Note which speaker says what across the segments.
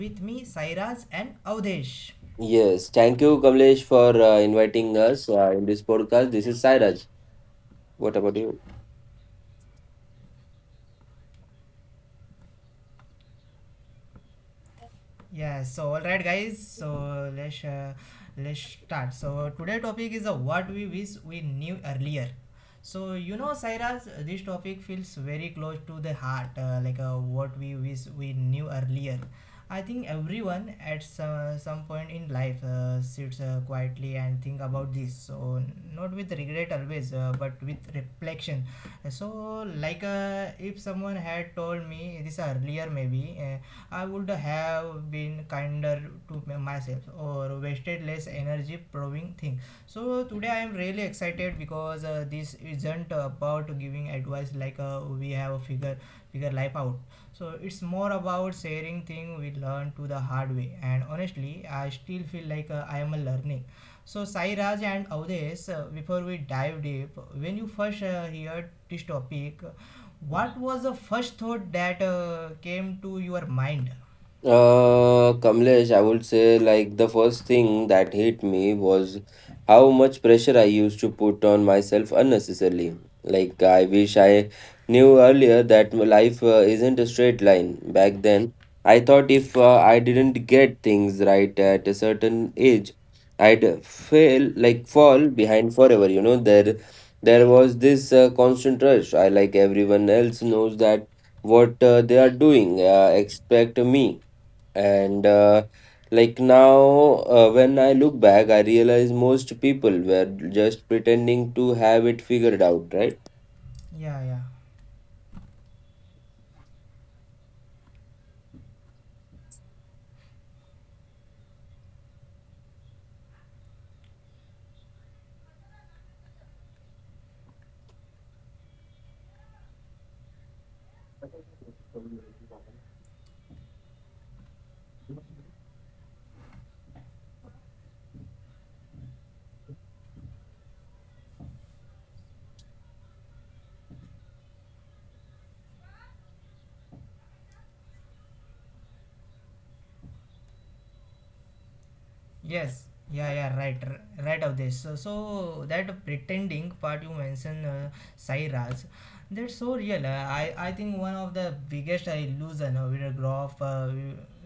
Speaker 1: with me Sairaj and Avdesh.
Speaker 2: Yes, thank you, Kamlesh, for inviting us in this podcast. This is Sairaj. What about you?
Speaker 1: Yeah, so all right, guys. So let's start. So today topic is what we wish we knew earlier. So you know, Cyrus, this topic feels very close to the heart, like what we wish we knew earlier. I think everyone at some point in life sits quietly and think about this. So not with regret always, but with reflection. So like if someone had told me this earlier, maybe. I would have been kinder to myself or wasted less energy proving things. So today I am really excited because this isn't about giving advice like we have a figure life out. So it's more about sharing things we learn to the hard way. And honestly, I still feel like I am a learning. So Sai Raj and Avdesh, before we dive deep, when you first heard this topic, what was the first thought that came to your mind?
Speaker 2: Kamlesh, I would say like the first thing that hit me was how much pressure I used to put on myself unnecessarily. Like, I wish I knew earlier that my life isn't a straight line. Back then, I thought if I didn't get things right at a certain age, I'd fail, like fall behind forever. You know, there was this constant rush. I like everyone else knows that what they are doing. Expect me and like now, when I look back, I realize most people were just pretending to have it figured out, right?
Speaker 1: Yeah, yeah. Yes, yeah, yeah, right, right of this. So, so that pretending part you mentioned, Sai Raj, that's so real. I think one of the biggest illusion we grow up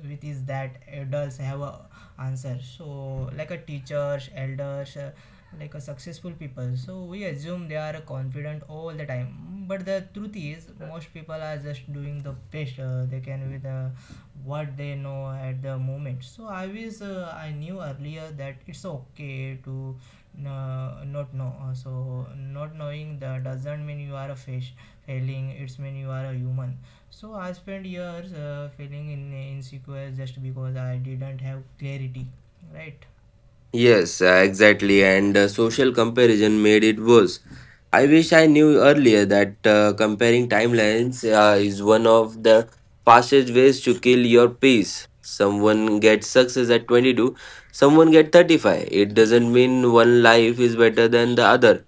Speaker 1: with is that adults have a answer. So, like a teachers, elders, like a successful people. So we assume they are confident all the time. But the truth is, most people are just doing the best they can with what they know at the moment. So I was I knew earlier that it's okay to not know. So not knowing that doesn't mean you are a fish failing. It's mean you are a human. So I spent years feeling in insecure just because I didn't have clarity, right?
Speaker 2: Yes, exactly. And social comparison made it worse. I wish I knew earlier that comparing timelines is one of the fastest ways to kill your peace. Someone gets success at 22, someone gets 35. It doesn't mean one life is better than the other.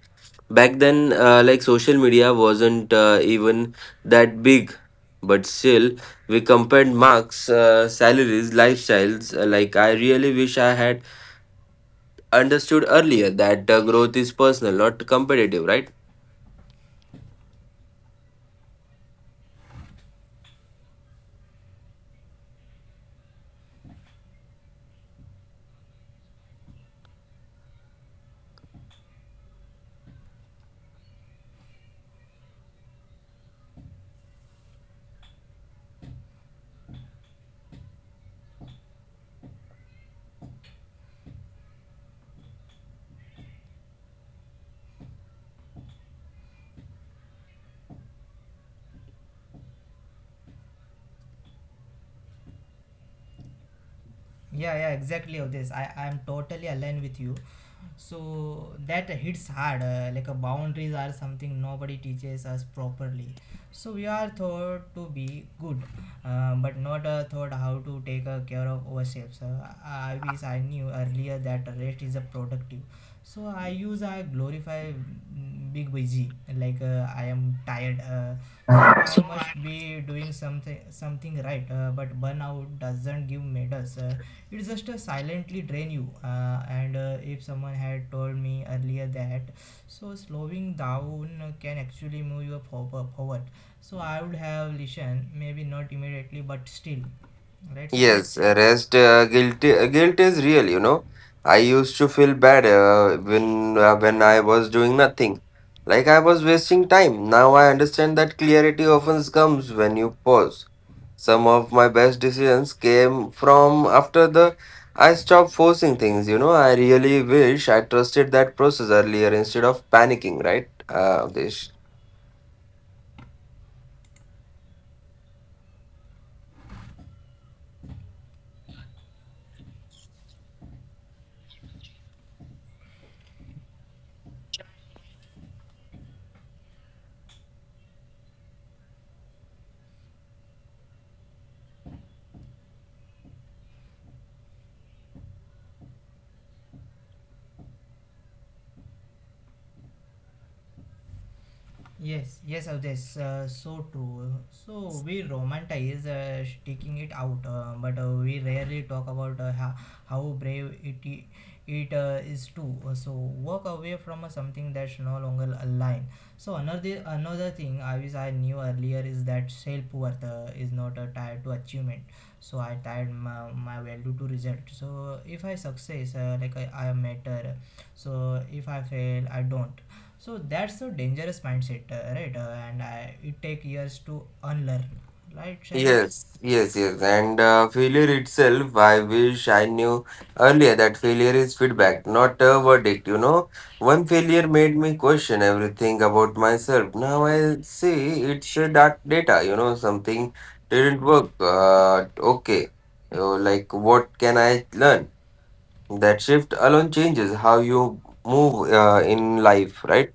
Speaker 2: Back then like social media wasn't even that big, but still we compared marks, salaries, lifestyles. Like I really wish I had understood earlier that growth is personal, not competitive, right?
Speaker 1: Yeah, yeah, exactly of this. I'm totally aligned with you. So that hits hard, like a boundaries are something nobody teaches us properly. So we are taught to be good but not taught how to take care of ourselves. I wish I knew earlier that rest is a productive. So I use I glorify big busy like I am tired, so I must be doing something right. But burnout doesn't give medals. It just silently drain you, and if someone had told me earlier that so slowing down can actually move you forward. So I would have listened, maybe not immediately but still, right, Sarah?
Speaker 2: Yes, rest guilt is real, you know. I used to feel bad when when I was doing nothing. Like I was wasting time. Now I understand that clarity often comes when you pause. Some of my best decisions came from after the I stopped forcing things, you know. I really wish I trusted that process earlier instead of panicking, right? This
Speaker 1: Yes, yes, Avdesh, so true. So we romanticize sticking it out, but we rarely talk about how brave it is too. So walk away from something that's no longer aligned. So another thing I wish I knew earlier is that self worth is not tied to achievement. So I tied my value to result. So if I success, I matter. So if I fail, I don't. So that's a dangerous mindset, right? And I, it take years to unlearn, right, Shairaj?
Speaker 2: Yes, yes, yes. and failure itself, I wish I knew earlier that failure is feedback, not a verdict. You know, one failure made me question everything about myself. Now I see it's a dark data, you know, something didn't work. Okay, like what can I learn? That shift alone changes how you move in life, right?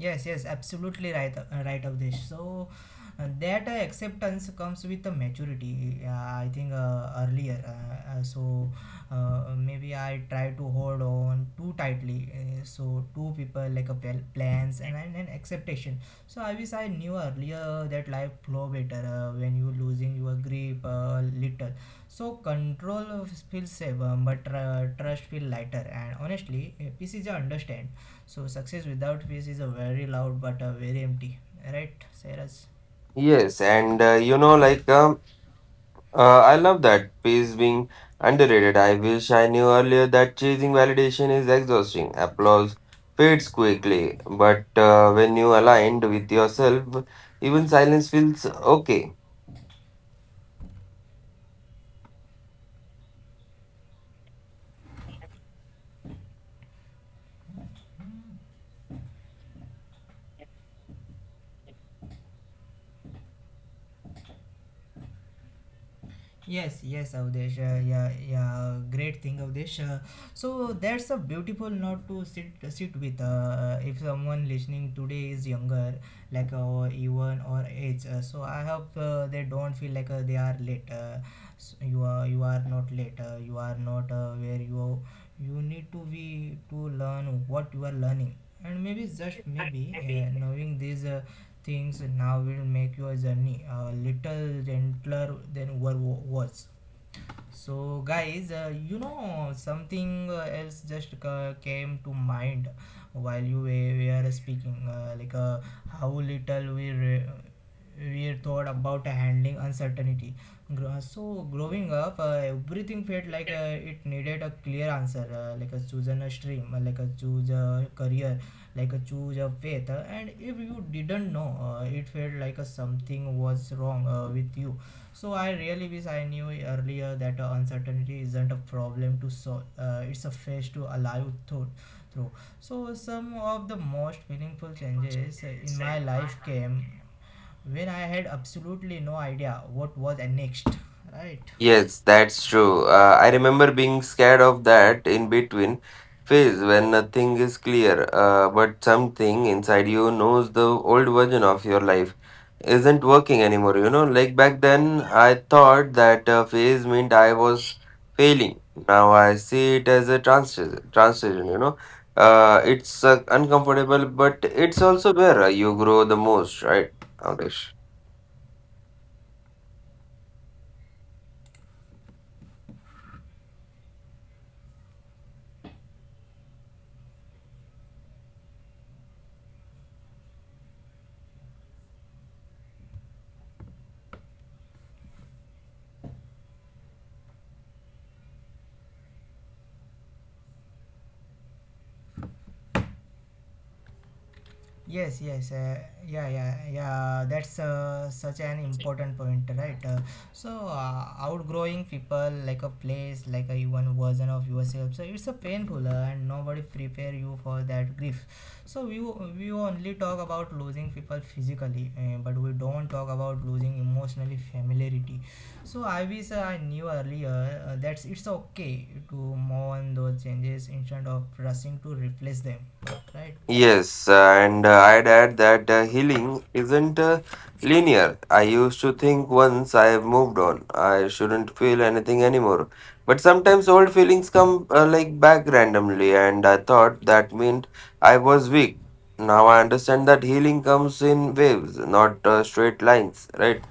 Speaker 1: Yes, yes, absolutely right, right, Avdesh. So that acceptance comes with the maturity. I think earlier, maybe I try to hold on too tightly. So two people like a plans and acceptation. So I wish I knew earlier that life flow better when you losing your grip little. So control feels safe, but trust feel lighter. And honestly, peace is a understand. So success without peace is a very loud but a very empty. Right, Cyrus?
Speaker 2: Yes, and I love that. Pace being underrated. I wish I knew earlier that chasing validation is exhausting. Applause fades quickly, but when you aligned with yourself, even silence feels okay.
Speaker 1: Yes, yes, Avdesh. Yeah, yeah. Great thing, Avdesh. So that's a beautiful note to sit with. If someone listening today is younger, like even or age, so I hope they don't feel like they are late. You are you are not late. You are not where you need to be to learn what you are learning, and maybe just maybe knowing these things now will make your journey a little gentler than what was. So, guys, something else just came to mind while you were speaking, like how little we we thought about handling uncertainty. So growing up, everything felt like it needed a clear answer, like a choose a stream, like a choose a career, like a choose a faith, and if you didn't know, it felt like something was wrong with you. So I really wish I knew earlier that uncertainty isn't a problem to solve. It's a phase to allow you through. So some of the most meaningful changes in my life came when I had absolutely no idea what was next. Right.
Speaker 2: Yes, that's true. I remember being scared of that in between phase when nothing is clear, but something inside you knows the old version of your life isn't working anymore. You know, like back then, I thought that phase meant I was failing. Now I see it as a transition, you know. It's uncomfortable, but it's also where you grow the most, right, Adesh?
Speaker 1: Yes, yes, yeah, yeah, yeah. That's such an important point, right? So, outgrowing people, like a place, like a even version of yourself. So it's a painful, and nobody prepare you for that grief. So we only talk about losing people physically, but we don't talk about losing emotionally familiarity. So I wish I knew earlier that it's okay to mourn those changes instead of rushing to replace them, right?
Speaker 2: Yes, and I'd add that healing isn't linear. I used to think once I have moved on, I shouldn't feel anything anymore. But sometimes old feelings come like back randomly, and I thought that meant I was weak. Now I understand that healing comes in waves, not straight lines, right?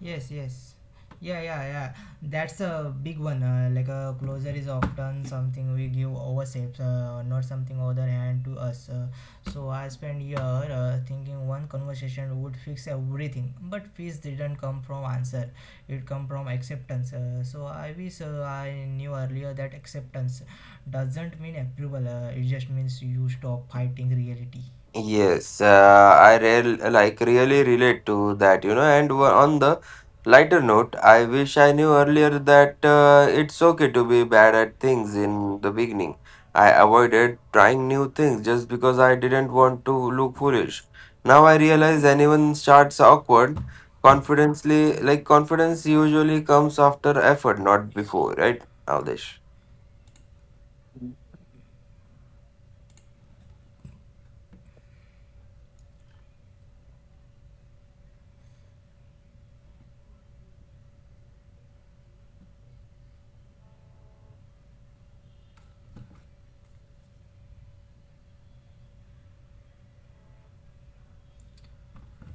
Speaker 1: Yes, yes. Yeah, yeah, yeah. That's a big one. Like a closure is often something we give ourselves, not something other hand to us. So I spent year thinking one conversation would fix everything, but peace didn't come from answer. It come from acceptance. So I wish I knew earlier that acceptance doesn't mean approval. It just means you stop fighting reality.
Speaker 2: Yes, I really relate to that, you know. And on the lighter note, I wish I knew earlier that it's okay to be bad at things in the beginning. I avoided trying new things just because I didn't want to look foolish. Now I realize anyone starts awkward. Confidently, like confidence usually comes after effort, not before, right, Avdesh?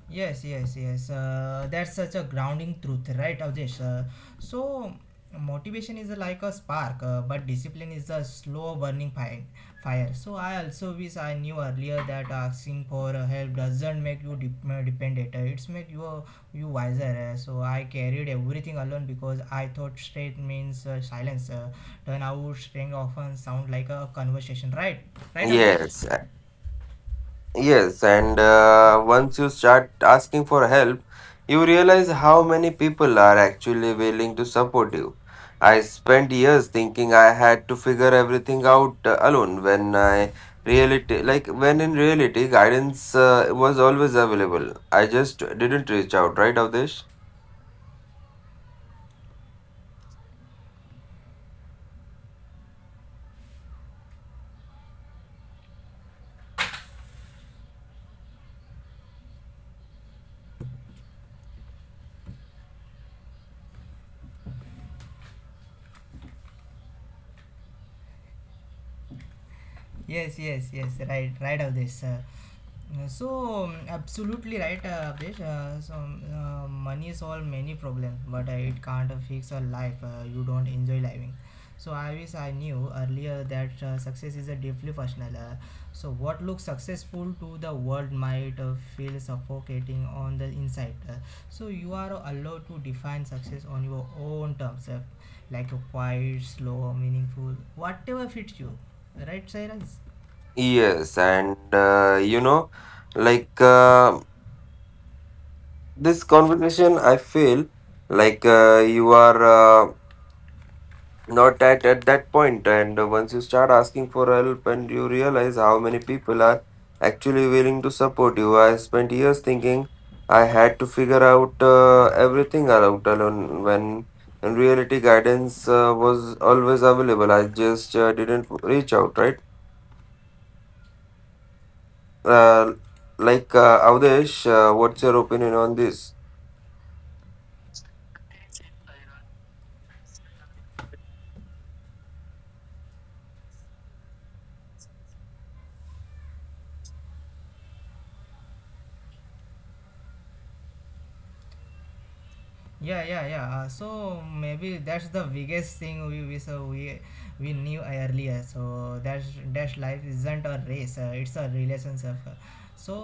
Speaker 1: Yes, yes, yes. That's such a grounding truth, right, Avdesh? So, motivation is like a spark, but discipline is a slow burning fire. So, I also wish I knew earlier that asking for help doesn't make you dependent. It's make you you wiser. So, I carried everything alone because I thought strength means silence. Turn out strength often sound like a conversation, right? Right, Avdesh?
Speaker 2: Yes, Yes, and once you start asking for help, you realize how many people are actually willing to support you. I spent years thinking I had to figure everything out alone when I reality like when in reality guidance was always available. I just didn't reach out, right, Avdesh?
Speaker 1: Yes, yes, yes. Right, right, of this. So absolutely right, Abdesh. So money solve many problems, but it can't fix a life. You don't enjoy living. So I wish I knew earlier that success is a deeply personal. So what looks successful to the world might feel suffocating on the inside. So you are allowed to define success on your own terms, like a quiet, slow, meaningful, whatever fits you. Right, Sairaj?
Speaker 2: Yes, and like uh, this conversation, I feel like you are not at that point, and once you start asking for help and you realize how many people are actually willing to support you, I spent years thinking I had to figure out everything out alone when in reality guidance was always available. I just didn't reach out, right, uh, Avdesh? What's your opinion on this?
Speaker 1: Yeah, yeah, yeah. So maybe that's the biggest thing we knew earlier. So that's life isn't a race. It's a relationship. So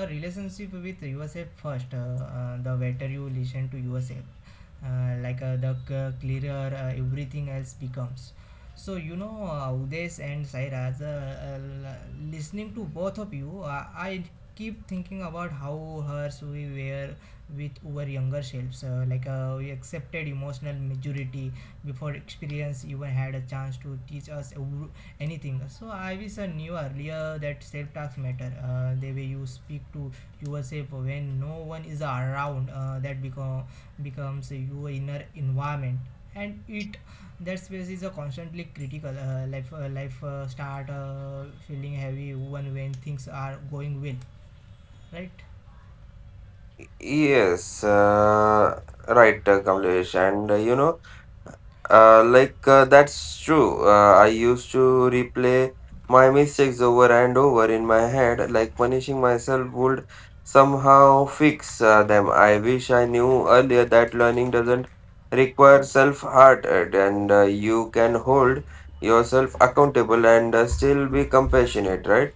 Speaker 1: a relationship with yourself first. The better you listen to yourself, like the clearer everything else becomes. So you know, Udesh and Sairaj, listening to both of you, I keep thinking about how hers we were with our younger selves. Like we accepted emotional maturity before experience even had a chance to teach us anything. So I wish I knew earlier that self-talks matter. The way you speak to yourself when no one is around, that becomes your inner environment, and it that space is a constantly critical life start feeling heavy even when things are going well, right?
Speaker 2: Yes, right, Kamlesh, and that's true. I used to replay my mistakes over and over in my head, like punishing myself would somehow fix them. I wish I knew earlier that learning doesn't require self-hard, and you can hold yourself accountable and still be compassionate, right?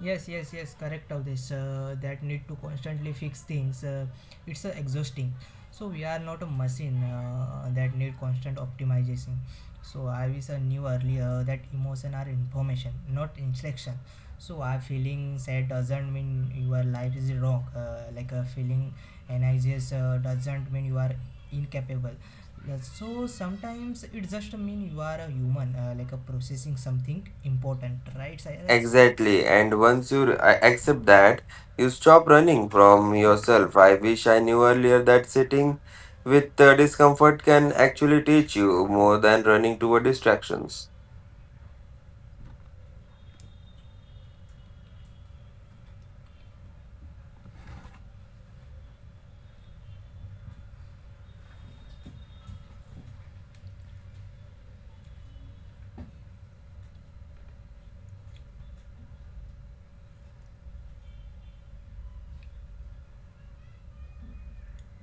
Speaker 1: Yes, yes, yes, correct of this. That need to constantly fix things, it's exhausting. So we are not a machine that need constant optimization. So I wish I knew earlier that emotion are information, not instruction. So our feeling sad doesn't mean your life is wrong. Like a feeling anxious doesn't mean you are incapable. So sometimes it just mean you are a human, like a processing something important, right, Cyrus?
Speaker 2: Exactly. And once you accept that, you stop running from yourself. I wish I knew earlier that sitting with discomfort can actually teach you more than running toward distractions.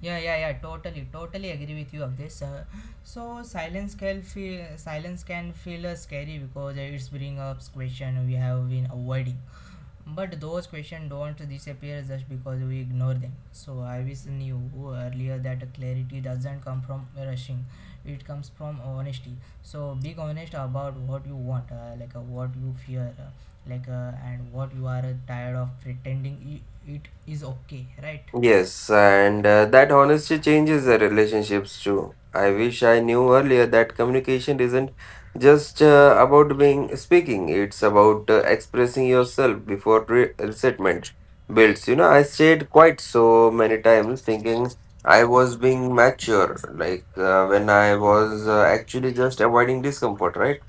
Speaker 1: Yeah, yeah, yeah. Totally, totally agree with you of this. So silence can feel scary because it's bring up question we have been avoiding. But those questions don't disappear just because we ignore them. So I was knew earlier that clarity doesn't come from rushing; it comes from honesty. So be honest about what you want, like what you fear, like and what you are tired of pretending. It is okay, right?
Speaker 2: Yes, and that honesty changes the relationships too. I wish I knew earlier that communication isn't just about being speaking, it's about expressing yourself before resentment builds. You know, I stayed quite so many times thinking I was being mature, like when I was actually just avoiding discomfort, right?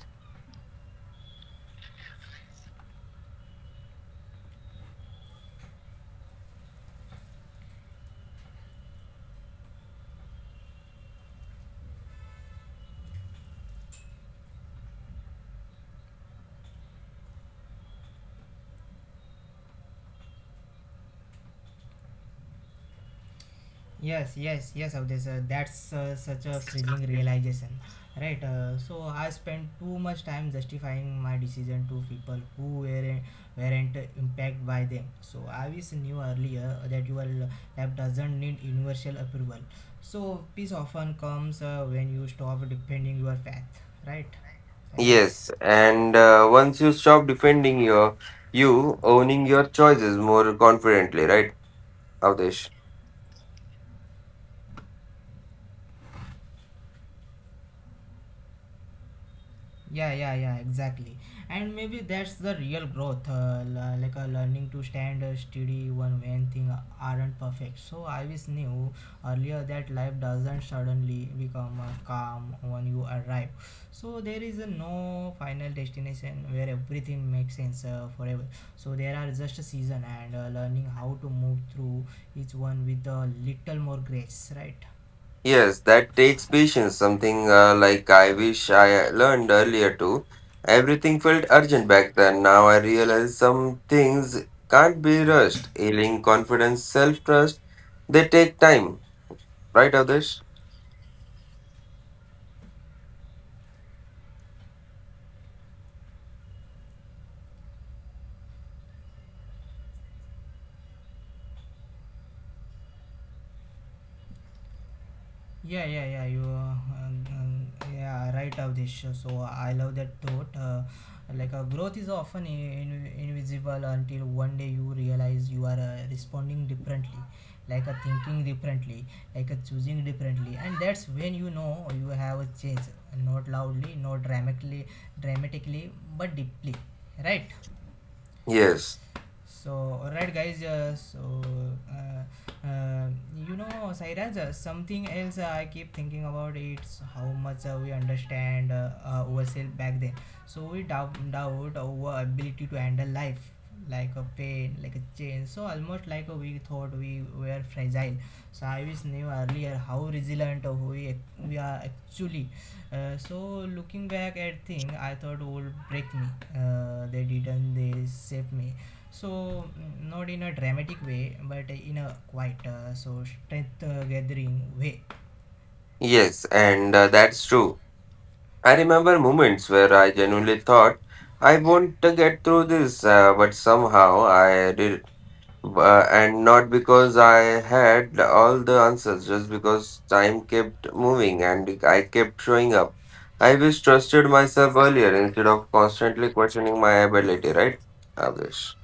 Speaker 1: Yes, yes, yes, Avdesh. That's such a freezing realization, right? So I spent too much time justifying my decision to people who weren't impacted by them. So I wish knew earlier that your lab doesn't need universal approval. So peace often comes when you stop defending your path, right, Sairaj?
Speaker 2: Yes, and once you stop defending your you owning your choices more confidently, right, Avdesh?
Speaker 1: Yeah, yeah, yeah, exactly, and maybe that's the real growth, l- like a learning to stand steady one when things aren't perfect. So I was knew earlier that life doesn't suddenly become calm when you arrive. So there is no final destination where everything makes sense forever. So there are just a season and learning how to move through each one with a little more grace, right?
Speaker 2: Yes, that takes patience. Something like I wish I learned earlier too. Everything felt urgent back then. Now I realize some things can't be rushed. Healing, confidence, self-trust, they take time, right, Avdesh?
Speaker 1: Yeah, yeah, yeah. You, um, um, yeah, right, of this. So I love that thought. Growth is often invisible until one day you realize you are responding differently, thinking differently, choosing differently, and that's when you know you have a change. Not loudly, not dramatically, but deeply. Right.
Speaker 2: Yes,
Speaker 1: So alright, guys. So, uh, uh, you know, Sairaj, something else I keep thinking about, it's how much we understand ourselves back then. So we doubt our ability to handle life, like a pain, like a change. So almost like we thought we were fragile. So I wish knew earlier how resilient we, we are actually. Uh, so, Looking back at things I thought would break me, they didn't, they saved me. So not in a dramatic way, but in a quite so strength gathering way.
Speaker 2: yes, and that's true. I remember moments where I genuinely thought I won't get through this, but somehow I did. And not because I had all the answers, just because time kept moving and I kept showing up. I wish trusted myself earlier instead of constantly questioning my ability, right, Adesh?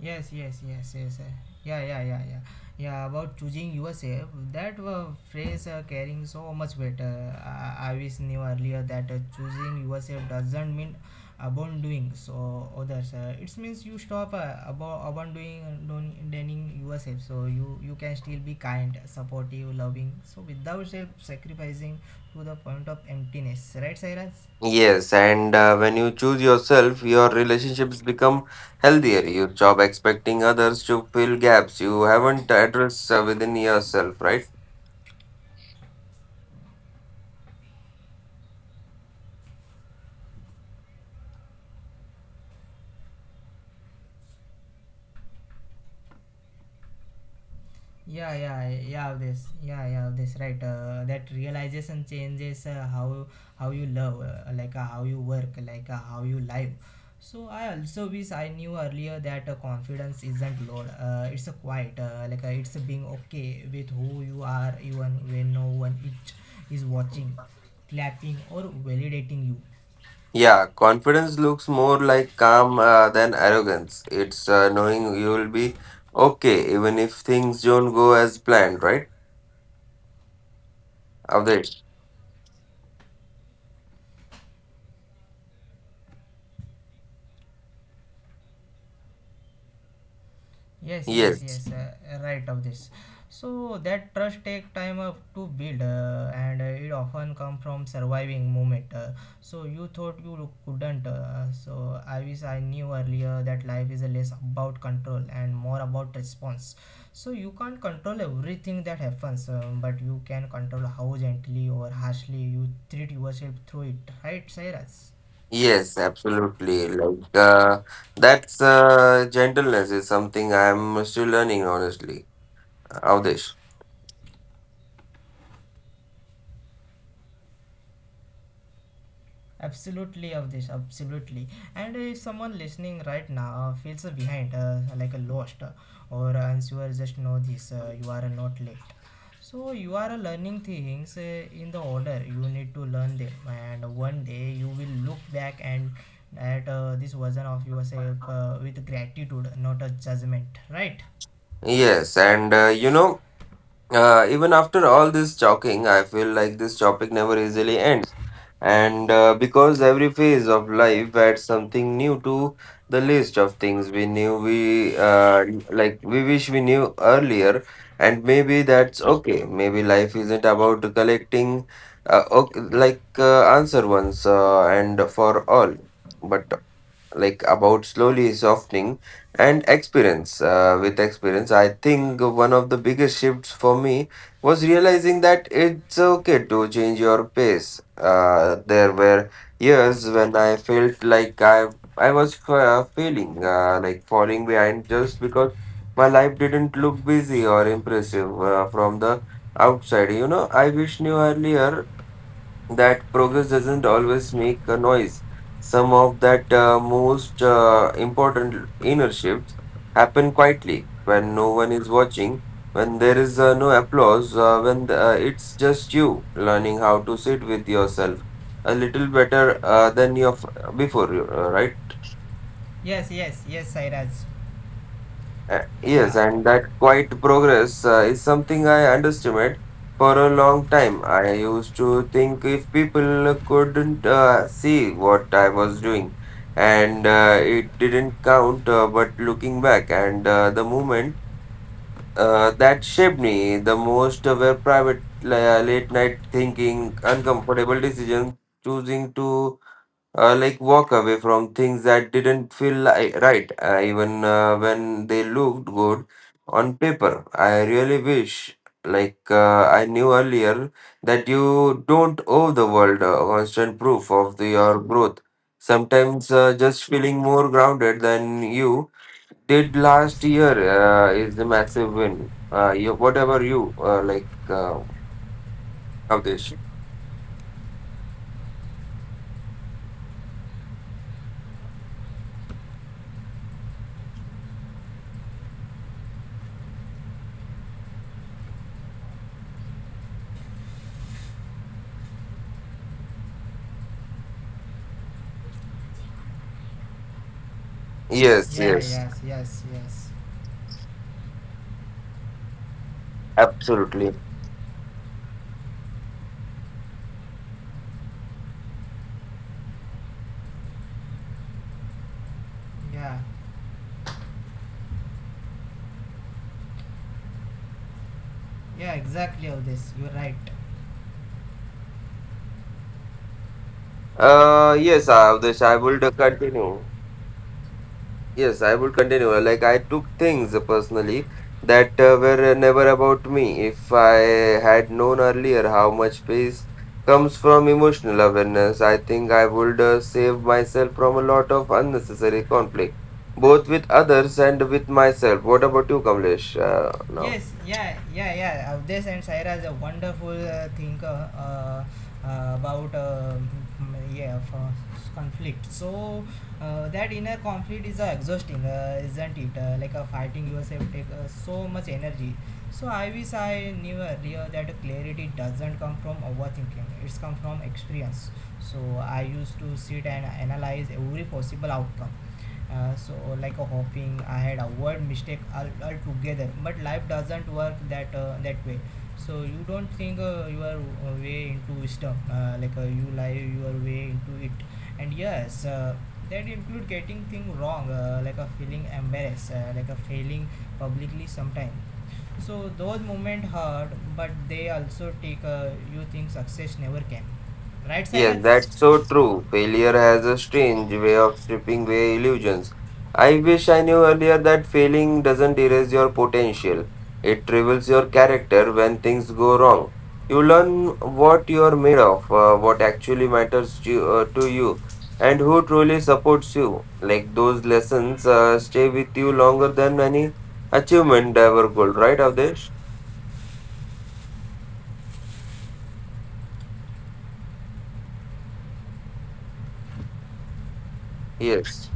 Speaker 1: Yes, yes, yes, yes. Eh. Yeah, yeah, yeah, yeah. Yeah, about choosing yourself, that phrase carrying so much weight. I wish knew earlier that choosing yourself doesn't mean abandoning so others. It means you stop abandoning yourself. So you can still be kind, supportive, loving, so without self sacrificing to the point of emptiness. Right, Cyrus?
Speaker 2: Yes, and when you choose yourself, your relationships become healthier. You stop expecting others to fill gaps you haven't addressed within yourself, right?
Speaker 1: Yeah, yeah, yeah, this, yeah, yeah, this, right. That realization changes how you love, how you work, how you live. So I also wish I knew earlier that confidence isn't loud. It's a quiet, it's being okay with who you are even when no one is watching, clapping or validating you.
Speaker 2: Yeah, confidence looks more like calm than arrogance. It's knowing you will be okay even if things don't go as planned, right, Avdesh?
Speaker 1: Yes, yes,
Speaker 2: Yes,
Speaker 1: yes, right, of this. So that trust take time of to build, and it often come from surviving moment so you thought you couldn't. Uh, so I wish I knew earlier that life is less about control and more about response. So you can't control everything that happens, but you can control how gently or harshly you treat yourself through it, right, Sairaj?
Speaker 2: yes, absolutely. Like that's gentleness is something I'm still learning, honestly. Avdesh.
Speaker 1: Absolutely, of this, absolutely. And if someone listening right now feels behind, like a lost, or unsure, just know this: you are not late. So you are learning things in the order you need to learn them, and one day you will look back and at this version of yourself with gratitude, not a judgment, right?
Speaker 2: Yes, and
Speaker 1: S-
Speaker 2: even after all this talking, I feel like this topic never easily ends. And because every phase of life adds something new to the list of things we knew we we wish we knew earlier, and maybe that's okay. Maybe life isn't about collecting okay, answer once and for all, but like about slowly softening and experience with experience. I think one of the biggest shifts for me was realizing that it's okay to change your pace. There were years when I felt like I was failing like falling behind just because my life didn't look busy or impressive from the outside. You know, I wish knew earlier that progress doesn't always make a noise. Some of that most important inner shifts happen quietly when no one is watching, when there is no applause, when it's just you learning how to sit with yourself a little better than you before, right?
Speaker 1: Yes, yes, yes, Sairaj.
Speaker 2: Yes,
Speaker 1: Yeah,
Speaker 2: and that quiet progress is something I underestimate for a long time. I used to think if people couldn't see what I was doing, and it didn't count. But looking back, and the moment that shaped me the most were private, late night thinking, uncomfortable decisions, choosing to walk away from things that didn't feel right, even when they looked good on paper. I really wish, I knew earlier, that you don't owe the world constant proof of your growth. Sometimes just feeling more grounded than you did last year is a massive win. You, whatever you like, Avdesh.
Speaker 1: yeah,
Speaker 2: Yes,
Speaker 1: yes, yes, yes.
Speaker 2: absolutely.
Speaker 1: Yeah, yeah, exactly, of this. You're right.
Speaker 2: Yes, Avdesh, I would continue. Yes, I would continue. Like I took things personally that were never about me. If I had known earlier how much peace comes from emotional awareness, I think I would save myself from a lot of unnecessary conflict, both with others and with myself. What about you, Kamlesh? Now.
Speaker 1: Yes, yeah, yeah, yeah. Avdesh and Saira is a wonderful thinker about yeah for conflict. So that inner conflict is exhausting, isn't it? Fighting yourself take so much energy. So I wish I knew earlier that clarity doesn't come from overthinking. It's come from experience. So I used to sit and analyze every possible outcome, so like a hoping I had avoid mistake altogether. But life doesn't work that way. So you don't think your way into wisdom, you lie your way into it. And yes, that include getting thing wrong, like a feeling embarrassed, like a failing publicly sometimes. So those moments hurt, but they also take you think success never can, right,
Speaker 2: Yes,
Speaker 1: Cyrus?
Speaker 2: that's so true. Failure has a strange way of stripping away illusions. I wish I knew earlier that failing doesn't erase your potential. It reveals your character when things go wrong. You learn what you're made of, what actually matters to you, and who truly supports you. Like those lessons stay with you longer than any achievement ever could, right, Avdesh? Yes.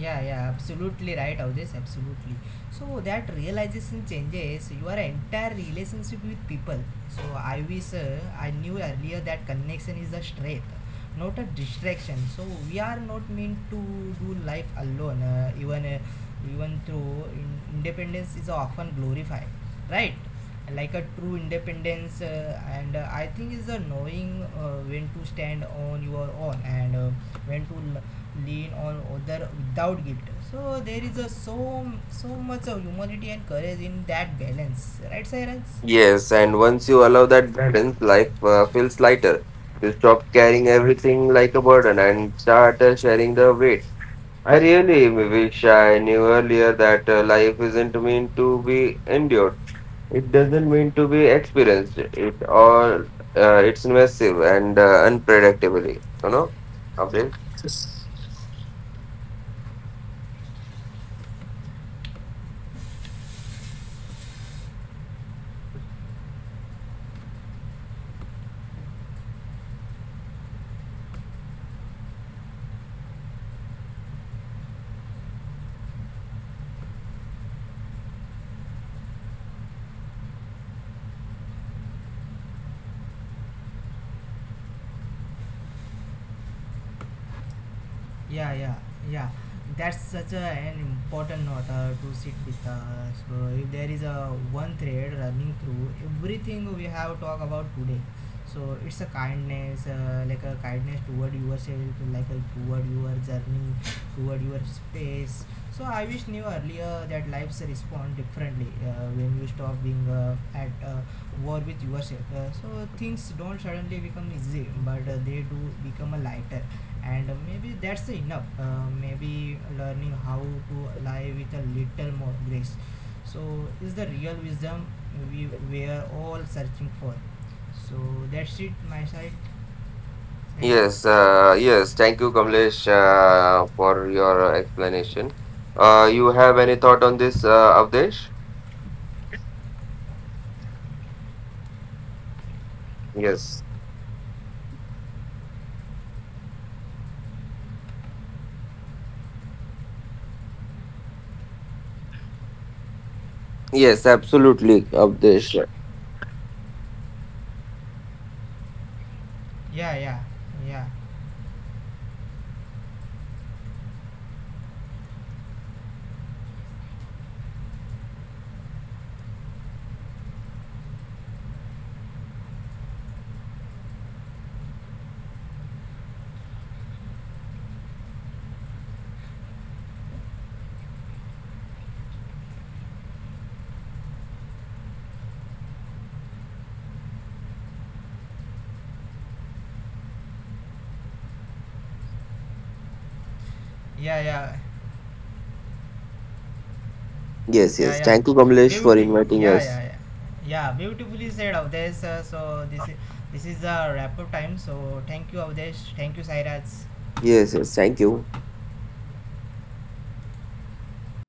Speaker 1: Yeah, yeah, absolutely right, Avdesh, absolutely. So that realization changes your entire relationship with people. So I wish I knew earlier that connection is a strength, not a distraction. So we are not meant to do life alone. Even through independence is often glorified, right? Like a true independence, and I think is a knowing when to stand on your own and when to lean on other without guilt. So there is a so much of humility and courage in that balance, right, Sairaj?
Speaker 2: Yes, and once you allow that balance, life feels lighter. You stop carrying everything like a burden and start sharing the weight. I really wish I knew earlier that life isn't meant to be endured. It doesn't mean to be experienced. It all it's massive and unpredictably. You know, Abdul.
Speaker 1: Yeah, yeah, yeah, that's such a, an important note to sit with. So if there is a one thread running through everything we have talked about today, so it's a kindness, like a kindness toward yourself, like a toward your journey, toward your space. So I wish knew earlier that lives respond differently when you stop being at war with yourself. Uh, So things don't suddenly become easy, but they do become a lighter. And maybe that's enough, maybe learning how to lie with a little more grace so is the real wisdom we were all searching for. So that's it my side, Sairaj.
Speaker 2: Yes. Thank you, Kamlesh, for your explanation. You have any thought on this, Avdesh? Yes. Yes, absolutely, Abdesh.
Speaker 1: Yeah, yeah, yeah, yeah, yeah, yeah,
Speaker 2: Yes.
Speaker 1: yeah,
Speaker 2: Thank you, Kamlesh, for
Speaker 1: beauty,
Speaker 2: inviting
Speaker 1: yeah,
Speaker 2: us.
Speaker 1: yeah, yeah, yeah, beautifully said, Avdesh. Uh, So this is a wrap up time. So thank you, Avdesh. Thank you, Sairaj.
Speaker 2: Yes. Thank you.